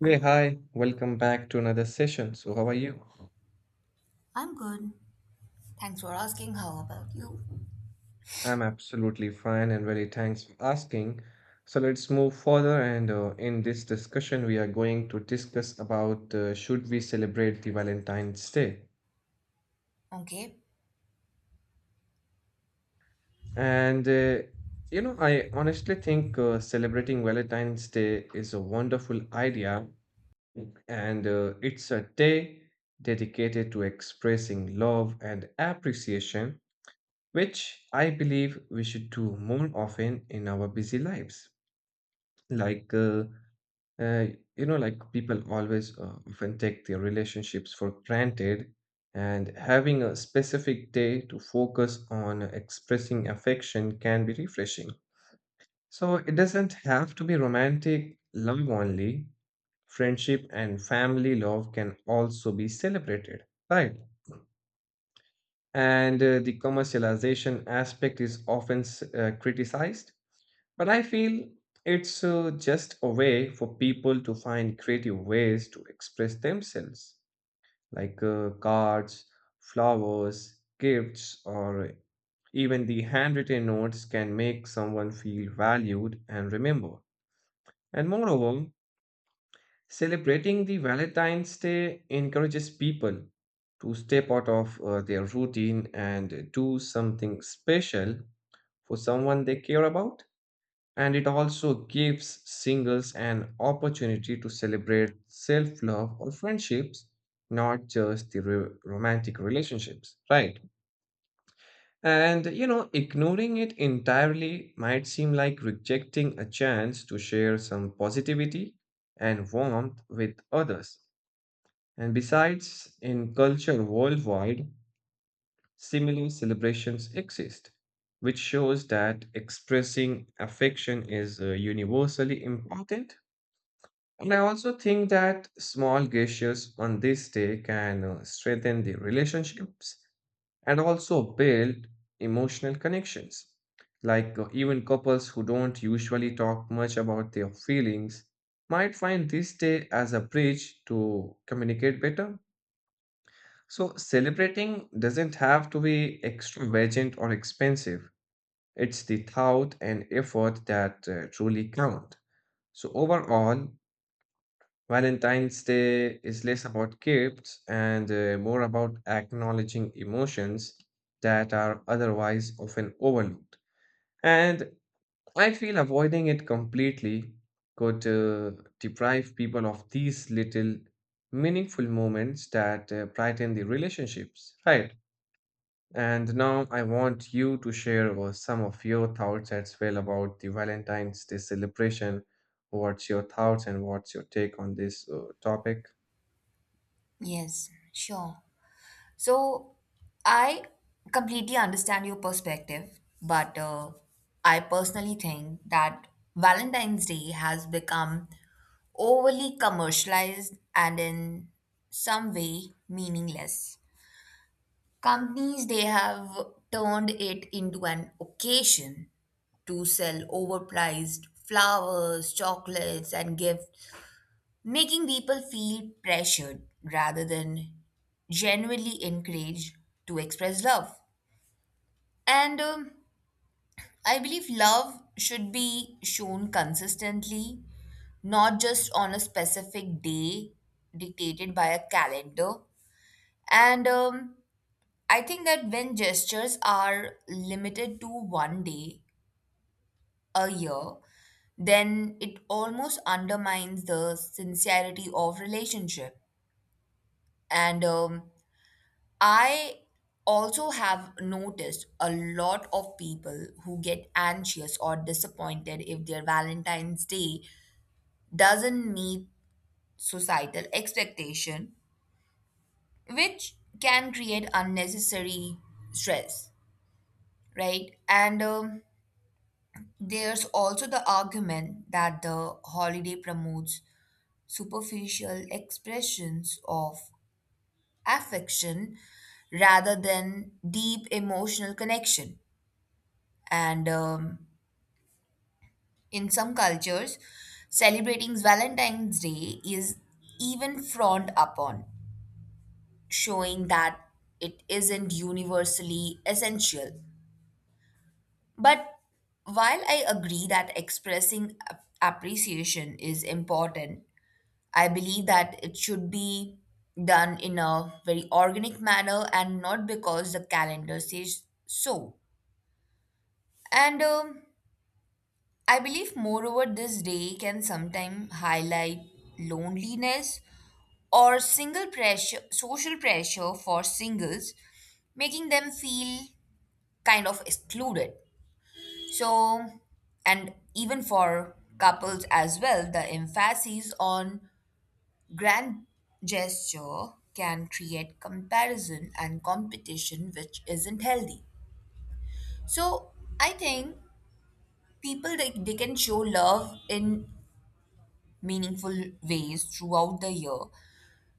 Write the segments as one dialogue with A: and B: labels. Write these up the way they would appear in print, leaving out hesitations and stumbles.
A: Hey, hi, welcome back to another session. So, how are you?
B: I'm good. Thanks for asking. How about you?
A: I'm absolutely fine and really thanks for asking. So, let's move further. And in this discussion, we are going to discuss about should we celebrate the Valentine's Day?
B: Okay.
A: And uh, I honestly think celebrating Valentine's Day is a wonderful idea, and it's a day dedicated to expressing love and appreciation which I believe we should do more often in our busy lives. Like, uh, uh, like, people always often take their relationships for granted, and having a specific day to focus on expressing affection can be refreshing. So, it doesn't have to be romantic love only. Friendship and family love can also be celebrated, right? And the commercialization aspect is often criticized. But I feel it's just a way for people to find creative ways to express themselves, like cards, flowers, gifts, or even the handwritten notes can make someone feel valued and remembered. And moreover, celebrating the Valentine's Day encourages people to step out of their routine and do something special for someone they care about, and it also gives singles an opportunity to celebrate self love or friendships, not just the romantic relationships, right? Ignoring it entirely might seem like rejecting a chance to share some positivity and warmth with others. And besides, in culture worldwide, similar celebrations exist, which shows that expressing affection is universally important. And I also think that small gestures on this day can strengthen the relationships and also build emotional connections. Like even couples who don't usually talk much about their feelings might find this day as a bridge to communicate better. So celebrating doesn't have to be extravagant or expensive. It's the thought and effort that truly count. So overall, Valentine's Day is less about gifts and more about acknowledging emotions that are otherwise often overlooked. And I feel avoiding it completely could deprive people of these little meaningful moments that brighten the relationships, right? And now I want you to share some of your thoughts as well about the Valentine's Day celebration. What's your thoughts and what's your take on this topic?
B: Yes, sure. So, I completely understand your perspective, but I personally think that Valentine's Day has become overly commercialized and in some way meaningless. Companies they have turned it into an occasion to sell overpriced flowers, chocolates, and gifts making people feel pressured rather than genuinely encouraged to express love. And I believe love should be shown consistently, not just on a specific day dictated by a calendar. And I think that when gestures are limited to one day a year, then it almost undermines the sincerity of relationship. And I also have noticed a lot of people who get anxious or disappointed if their Valentine's Day doesn't meet societal expectation, which can create unnecessary stress, right? And There's also the argument that the holiday promotes superficial expressions of affection rather than deep emotional connection. And In some cultures, celebrating Valentine's Day is even frowned upon, showing that it isn't universally essential. But while I agree that expressing appreciation is important, I believe that it should be done in a very organic manner and not because the calendar says so. And I believe, moreover, this day can sometimes highlight loneliness or single pressure social pressure for singles making them feel kind of excluded, so, and even for couples as well, the emphasis on grand gesture can create comparison and competition which isn't healthy. So I think people they can show love in meaningful ways throughout the year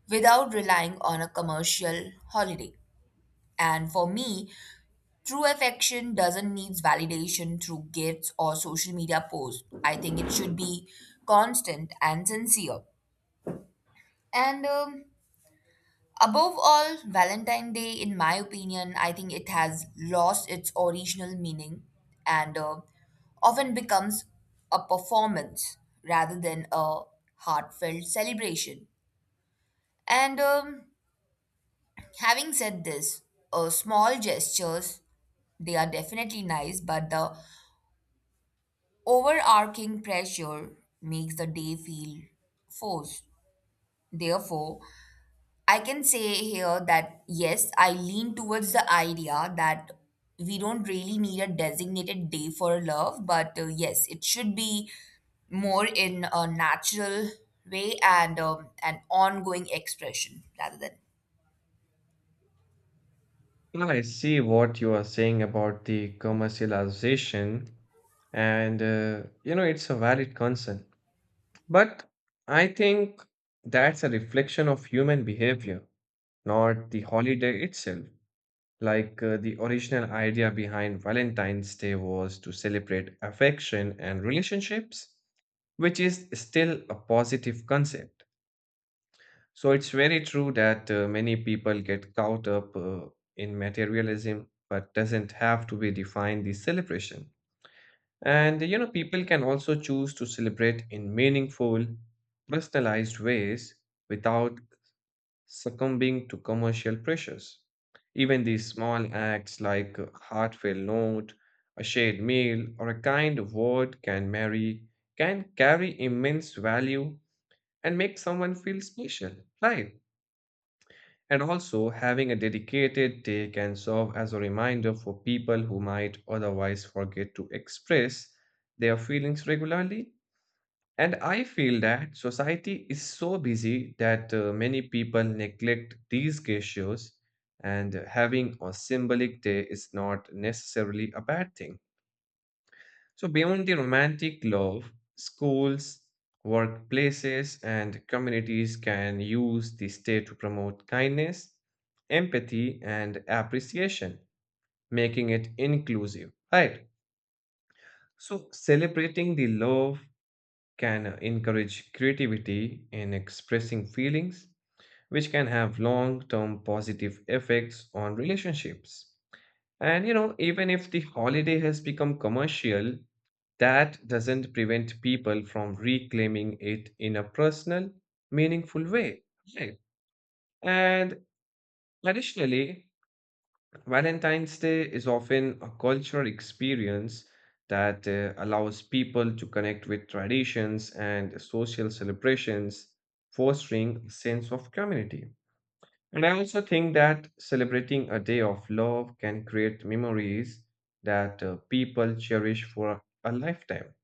B: without relying on a commercial holiday, and for me true affection doesn't need validation through gifts or social media posts. I think it should be constant and sincere. And Above all, Valentine Day, in my opinion, I think it has lost its original meaning and often becomes a performance rather than a heartfelt celebration. And having said this, small gestures they are definitely nice, but the overarching pressure makes the day feel forced. Therefore, I can say here that yes, I lean towards the idea that we don't really need a designated day for love, but yes, it should be more in a natural way, and an ongoing expression rather than
A: I see what you are saying about the commercialization, and it's a valid concern. But I think that's a reflection of human behavior, not the holiday itself. Like the original idea behind Valentine's Day was to celebrate affection and relationships, which is still a positive concept. So it's very true that many people get caught up in materialism, but doesn't have to be defined the celebration. And you know, people can also choose to celebrate in meaningful, personalized ways without succumbing to commercial pressures. Even these small acts like a heartfelt note, a shared meal, or a kind word can marry, can carry immense value and make someone feel special, right? And also, having a dedicated day can serve as a reminder for people who might otherwise forget to express their feelings regularly. And I feel that society is so busy that many people neglect these gestures, and having a symbolic day is not necessarily a bad thing. So, beyond the romantic love, schools, workplaces, and communities can use the state to promote kindness, empathy, and appreciation, making it inclusive. Right. So, celebrating the love can encourage creativity in expressing feelings, which can have long term positive effects on relationships. And you know, even if the holiday has become commercial, that doesn't prevent people from reclaiming it in a personal, meaningful way. Right. And additionally, Valentine's Day is often a cultural experience that allows people to connect with traditions and social celebrations, fostering a sense of community. And I also think that celebrating a day of love can create memories that people cherish for a lifetime,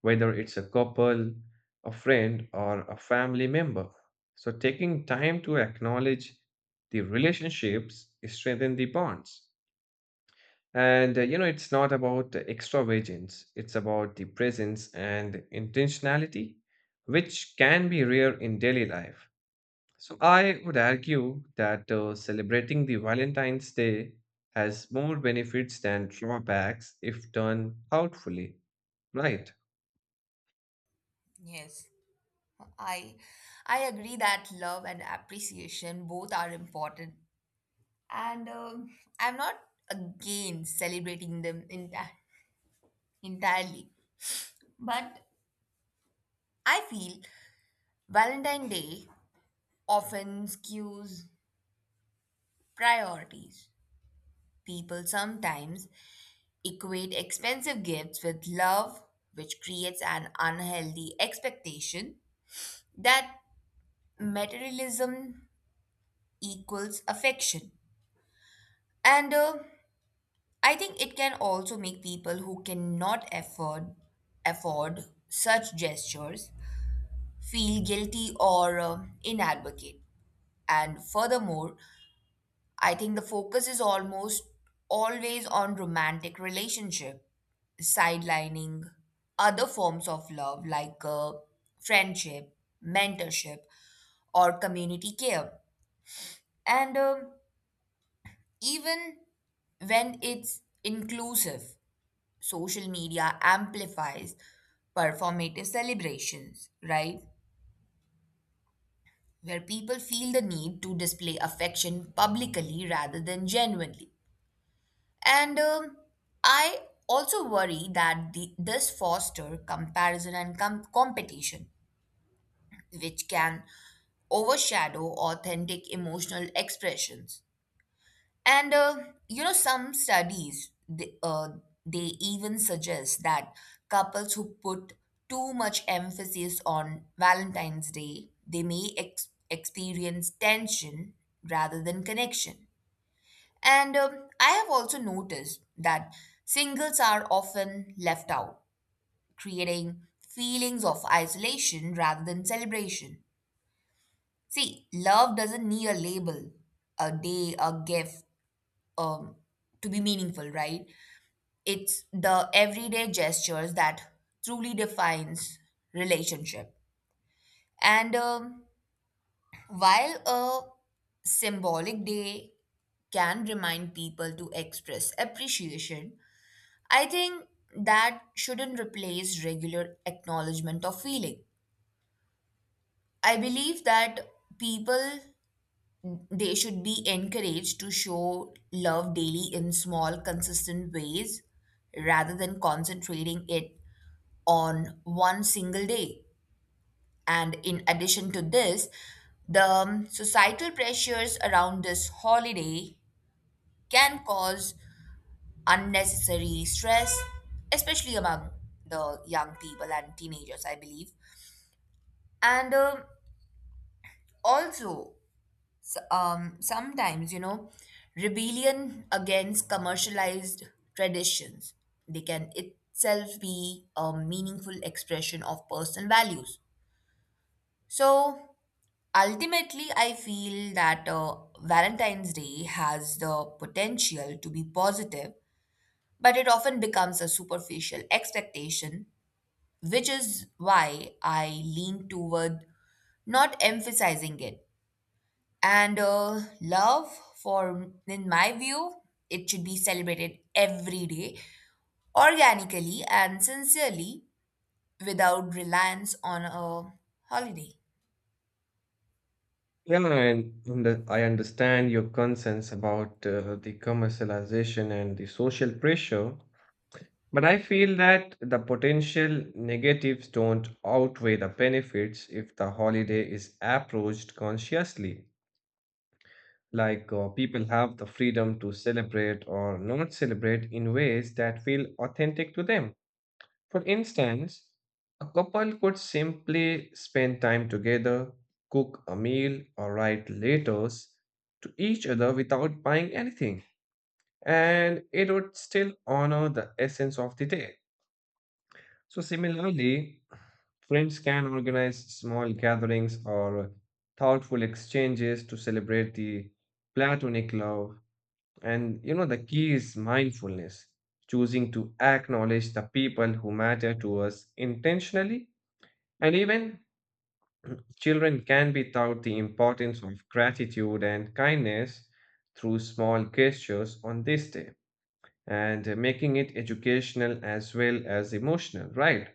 A: whether it's a couple, a friend, or a family member. So, taking time to acknowledge the relationships strengthen the bonds. And it's not about extravagance, it's about the presence and intentionality, which can be rare in daily life. So I would argue that celebrating the Valentine's Day has more benefits than drawbacks if done thoughtfully, right?
B: yes, i I agree that love and appreciation both are important, and I'm not against celebrating them entirely, but I feel Valentine Day often skews priorities. People sometimes equate expensive gifts with love, which creates an unhealthy expectation that materialism equals affection. And I think it can also make people who cannot afford such gestures feel guilty or inadvocate. And furthermore, I think the focus is almost always on romantic relationship, sidelining other forms of love like friendship, mentorship, or community care. And Even when it's inclusive, social media amplifies performative celebrations, right? Where people feel the need to display affection publicly rather than genuinely. And I also worry that this foster comparison and competition, which can overshadow authentic emotional expressions. And You know, some studies they they even suggest that couples who put too much emphasis on Valentine's Day they may experience tension rather than connection. And I have also noticed that singles are often left out, creating feelings of isolation rather than celebration. See, love doesn't need a label, a day, a gift, um, to be meaningful, right? It's the everyday gestures that truly defines relationship. And While a symbolic day can remind people to express appreciation, I think that shouldn't replace regular acknowledgement of feeling. I believe that people they should be encouraged to show love daily in small, consistent ways rather than concentrating it on one single day. And in addition to this, the societal pressures around this holiday can cause unnecessary stress, especially among the young people and teenagers, I believe. And also, sometimes, you know, rebellion against commercialized traditions, they can itself be a meaningful expression of personal values. So ultimately, I feel that Valentine's Day has the potential to be positive, but it often becomes a superficial expectation, which is why I lean toward not emphasizing it. And Love, for in my view, it should be celebrated every day, organically and sincerely, without reliance on a holiday.
A: Yeah, and I understand your concerns about the commercialization and the social pressure, but I feel that the potential negatives don't outweigh the benefits if the holiday is approached consciously. Like people have the freedom to celebrate or not celebrate in ways that feel authentic to them. For instance, a couple could simply spend time together, cook a meal, or write letters to each other without buying anything, and it would still honor the essence of the day. So, similarly, friends can organize small gatherings or thoughtful exchanges to celebrate the platonic love, and you know, the key is mindfulness, choosing to acknowledge the people who matter to us intentionally. And even children can be taught the importance of gratitude and kindness through small gestures on this day and making it educational as well as emotional, right?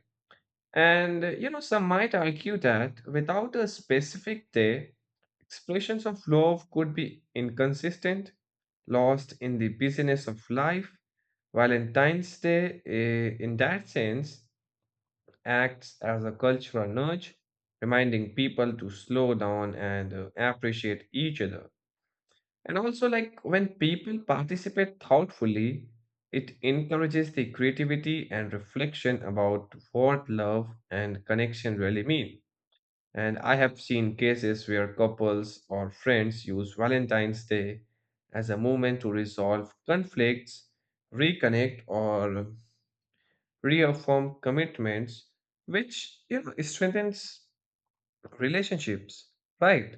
A: And some might argue that without a specific day, expressions of love could be inconsistent, lost in the busyness of life. Valentine's Day, eh, in that sense, acts as a cultural nudge, reminding people to slow down and appreciate each other. And also, like when people participate thoughtfully, it encourages the creativity and reflection about what love and connection really mean. And I have seen cases where couples or friends use Valentine's Day as a moment to resolve conflicts, reconnect, or reaffirm commitments, which you know strengthens relationships, right?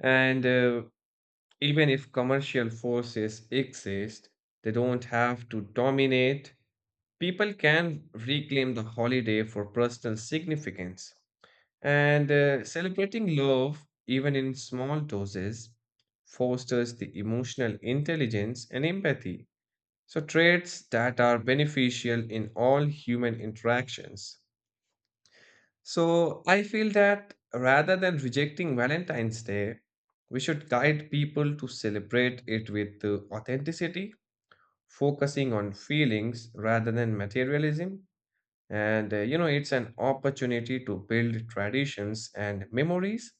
A: And even if commercial forces exist, they don't have to dominate. People can reclaim the holiday for personal significance. And celebrating love, even in small doses, fosters the emotional intelligence and empathy. So, traits that are beneficial in all human interactions. So I feel that rather than rejecting Valentine's Day, we should guide people to celebrate it with authenticity, focusing on feelings rather than materialism. And it's an opportunity to build traditions and memories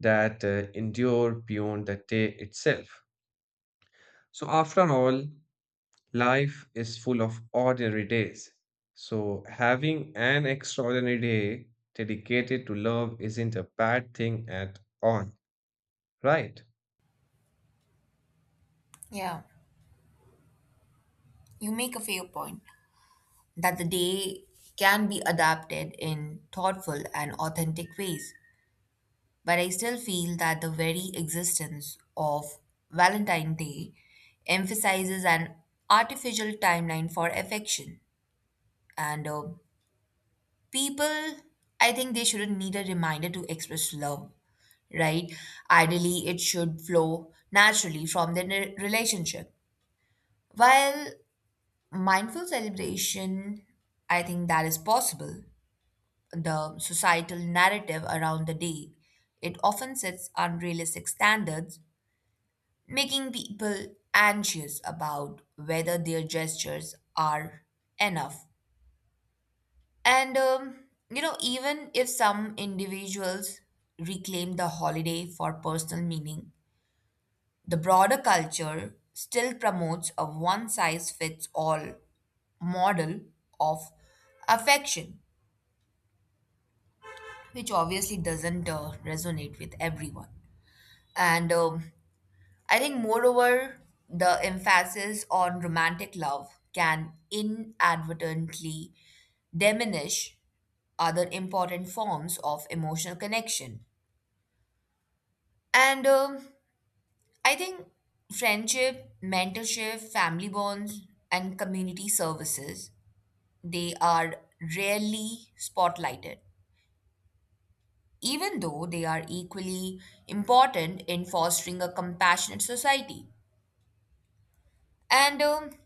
A: that endure beyond the day itself. So, after all, life is full of ordinary days. So, having an extraordinary day dedicated to love isn't a bad thing at all, right?
B: Yeah, you make a fair point that the day can be adapted in thoughtful and authentic ways. But I still feel that the very existence of Valentine's Day emphasizes an artificial timeline for affection, and people, I think they shouldn't need a reminder to express love, right? Ideally it should flow naturally from their relationship. While mindful celebration, I think that is possible, the societal narrative around the day, it often sets unrealistic standards, making people anxious about whether their gestures are enough. And You know, even if some individuals reclaim the holiday for personal meaning, the broader culture still promotes a one size fits all model of affection, which obviously doesn't resonate with everyone. And I think, moreover, the emphasis on romantic love can inadvertently diminish other important forms of emotional connection. And I think friendship, mentorship, family bonds, and community services, they are rarely spotlighted, even though they are equally important in fostering a compassionate society. And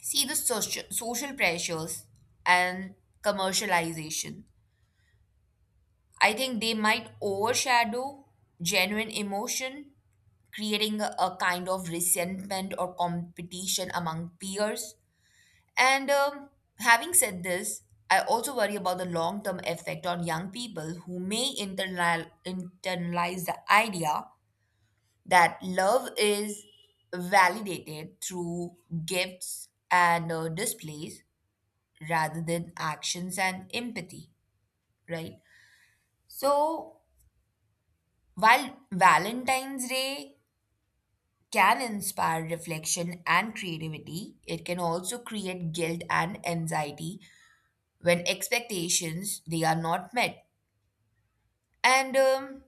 B: See social pressures and commercialization, I think they might overshadow genuine emotion, creating a kind of resentment or competition among peers. And Having said this, I also worry about the long term effect on young people who may internalize the idea that love is validated through gifts and displays rather than actions and empathy, right? So, while Valentine's Day can inspire reflection and creativity, it can also create guilt and anxiety when expectations they are not met. and um,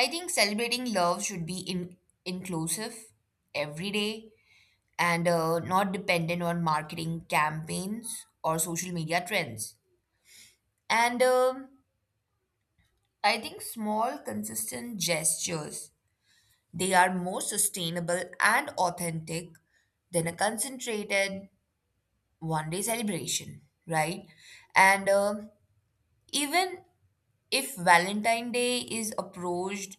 B: i think celebrating love should be inclusive every day and not dependent on marketing campaigns or social media trends. And um, i think small consistent gestures they are more sustainable and authentic than a concentrated one day celebration, right? And even if valentine day is approached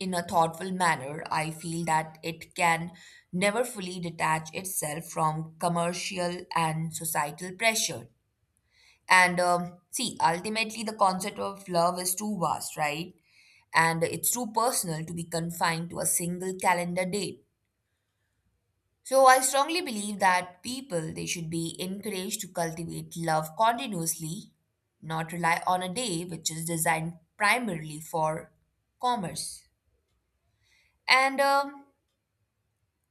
B: in a thoughtful manner, I feel that it can never fully detach itself from commercial and societal pressure. And See, ultimately, the concept of love is too vast, right? And it's too personal to be confined to a single calendar date. So I strongly believe that people they should be encouraged to cultivate love continuously, not rely on a day which is designed primarily for commerce. And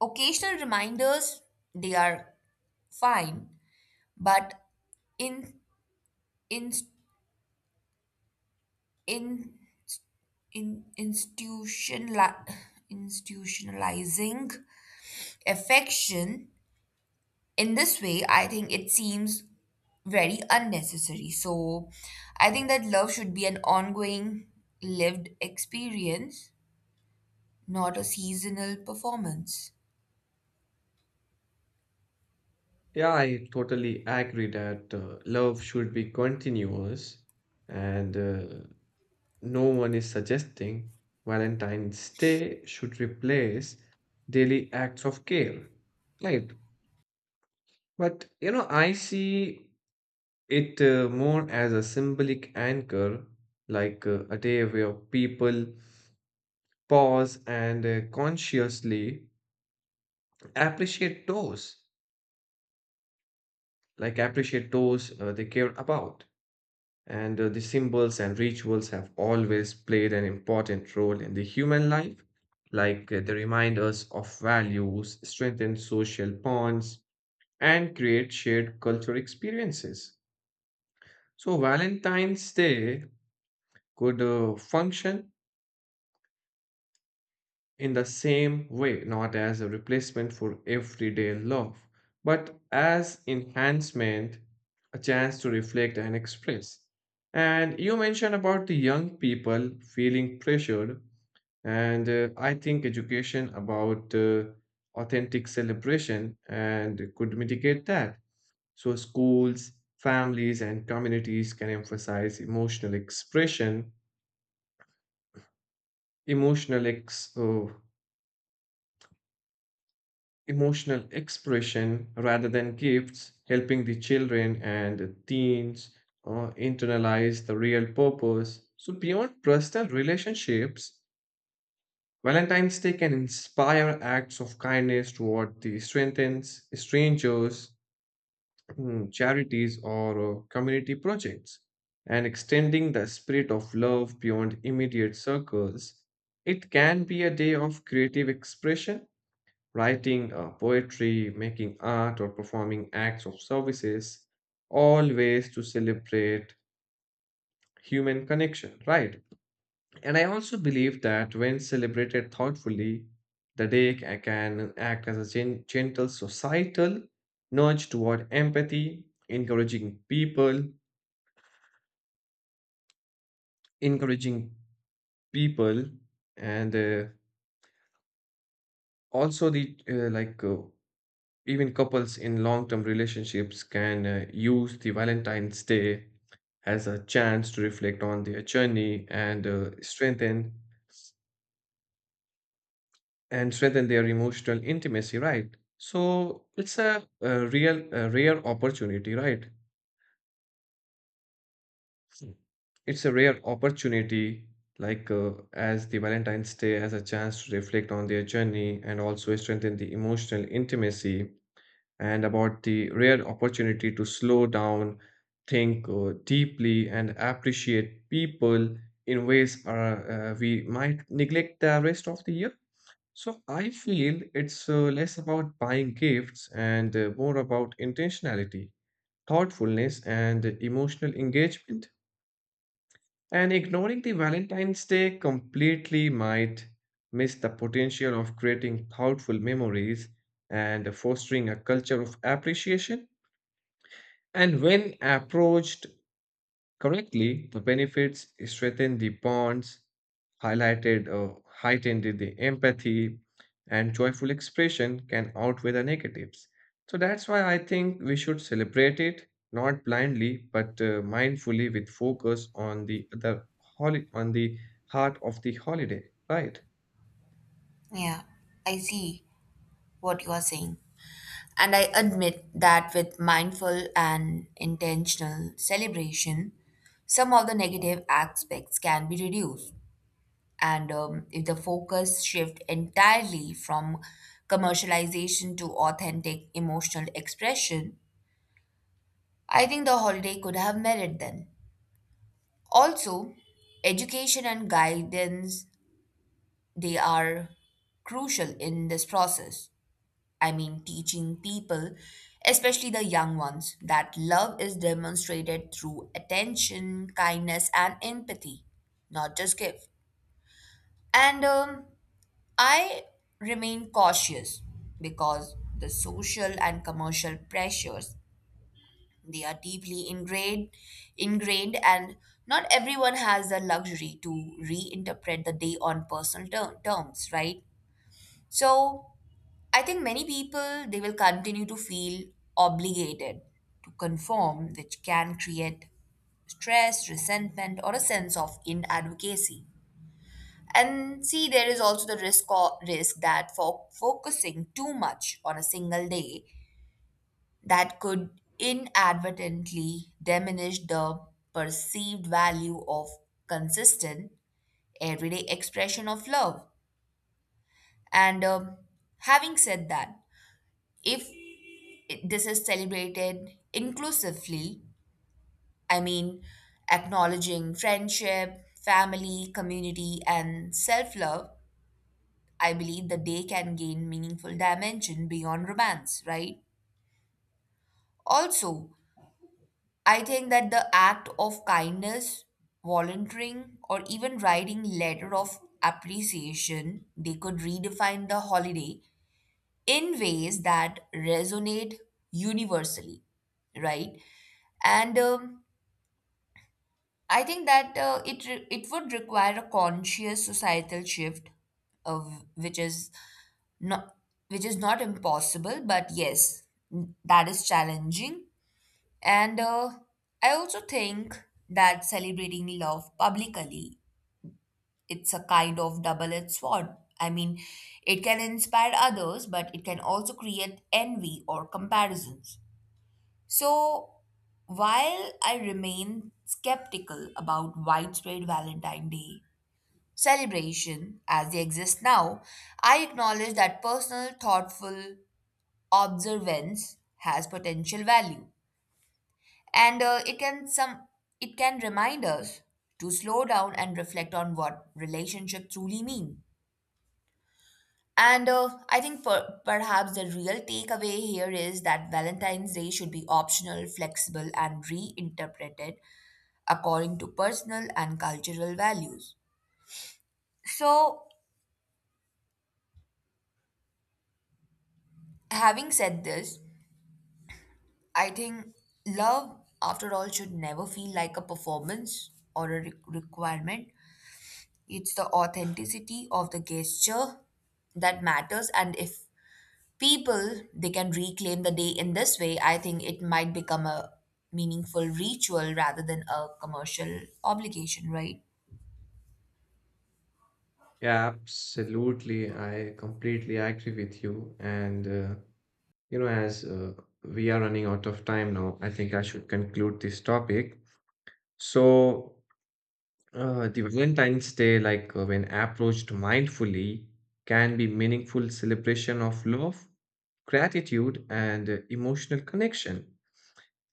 B: Occasional reminders, they are fine, but in in in in institutionali- institutionalizing affection in this way, I think it seems very unnecessary. So, I think that love should be an ongoing lived experience, not a seasonal performance.
A: Yeah, I totally agree that love should be continuous, and no one is suggesting Valentine's Day should replace daily acts of care, right? But you know, I see it more as a symbolic anchor, like a day where people pause and consciously appreciate those, like appreciate those they care about. And the symbols and rituals have always played an important role in the human life, like they remind us of values, strengthen social bonds, and create shared cultural experiences. So, Valentine's Day could function in the same way, not as a replacement for everyday love, but as enhancement, a chance to reflect and express. And you mentioned about the young people feeling pressured, and I think education about authentic celebration and could mitigate that. So schools, families, and communities can emphasize emotional expression, emotional ex. oh, emotional expression rather than gifts, helping the children and teens internalize the real purpose. So, beyond personal relationships, Valentine's Day can inspire acts of kindness toward the strengthens, strangers, charities, or community projects. And extending the spirit of love beyond immediate circles, it can be a day of creative expression, writing poetry, making art, or performing acts of services, all ways to celebrate human connection, right? And I also believe that when celebrated thoughtfully, the day can act as a gentle societal nudge toward empathy, encouraging people, and also the like Even couples in long term relationships can use the Valentine's Day as a chance to reflect on their journey and strengthen their emotional intimacy, right? So it's a real, a rare opportunity, right? Hmm. It's a rare opportunity, like as the Valentine's Day as a chance to reflect on their journey and also strengthen the emotional intimacy and about the rare opportunity to slow down, think deeply, and appreciate people in ways we might neglect the rest of the year. So I feel it's less about buying gifts and more about intentionality, thoughtfulness, and emotional engagement. And ignoring the Valentine's Day completely might miss the potential of creating thoughtful memories and fostering a culture of appreciation. And when approached correctly, the benefits strengthen the bonds, highlighted or heightened the empathy, and joyful expression can outweigh the negatives. So that's why I think we should celebrate it not blindly but mindfully with focus on the on the heart of the holiday, right?
B: Yeah, I see what you are saying. And I admit that with mindful and intentional celebration, some of the negative aspects can be reduced. And If the focus shift entirely from commercialization to authentic emotional expression, I think the holiday could have merit then. Also, education and guidance they are crucial in this process. I mean, teaching people, especially the young ones, that love is demonstrated through attention, kindness, and empathy, not just give. And I remain cautious because the social and commercial pressures they are deeply ingrained, and not everyone has the luxury to reinterpret the day on personal terms, right? So I think many people they will continue to feel obligated to conform, which can create stress, resentment, or a sense of inadvocacy. And see, there is also the risk that for focusing too much on a single day, that could inadvertently diminish the perceived value of consistent everyday expression of love. And Having said that, if this is celebrated inclusively, I mean, acknowledging friendship, family, community, and self love, I believe the day can gain meaningful dimension beyond romance, right? Also, I think that the act of kindness, volunteering, or even writing letter of appreciation, they could redefine the holiday in ways that resonate universally, right? And I think that it would require a conscious societal shift, of not which is not impossible, but yes, that is challenging. And I also think that celebrating love publicly it's a kind of double-edged sword. I mean, it can inspire others, but it can also create envy or comparisons. So, while I remain skeptical about widespread Valentine's Day celebration as they exist now, I acknowledge that personal, thoughtful observance has potential value, and it can remind us to slow down and reflect on what relationship truly mean. And I think perhaps the real takeaway here is that Valentine's Day should be optional, flexible, and reinterpreted according to personal and cultural values. So, having said this, I think love, after all, should never feel like a performance or a requirement. It's the authenticity of the gesture that matters, and if people they can reclaim the day in this way, I think it might become a meaningful ritual rather than a commercial obligation, right?
A: Yeah, absolutely. I completely agree with you and. You know, as we are running out of time now, I think I should conclude this topic. So, the Valentine's Day, like when approached mindfully, can be meaningful celebration of love, gratitude, and emotional connection.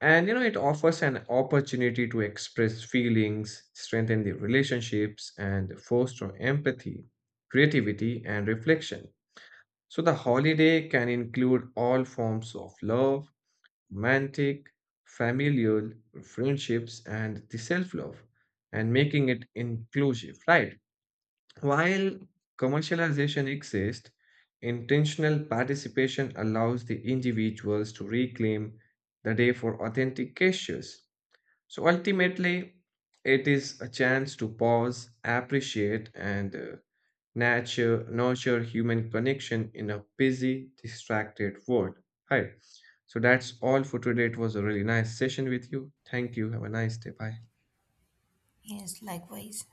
A: And you know, it offers an opportunity to express feelings, strengthen the relationships, and foster empathy, creativity, and reflection. So the holiday can include all forms of love, romantic, familial, friendships, and the self love, and making it inclusive, right? While commercialization exists, intentional participation allows the individuals to reclaim the day for authentic gestures. So ultimately, it is a chance to pause, appreciate, and nurture human connection in a busy, distracted world. Hi. So that's all for today. It was a really nice session with you. Thank you. Have a nice day. Bye.
B: Yes, likewise.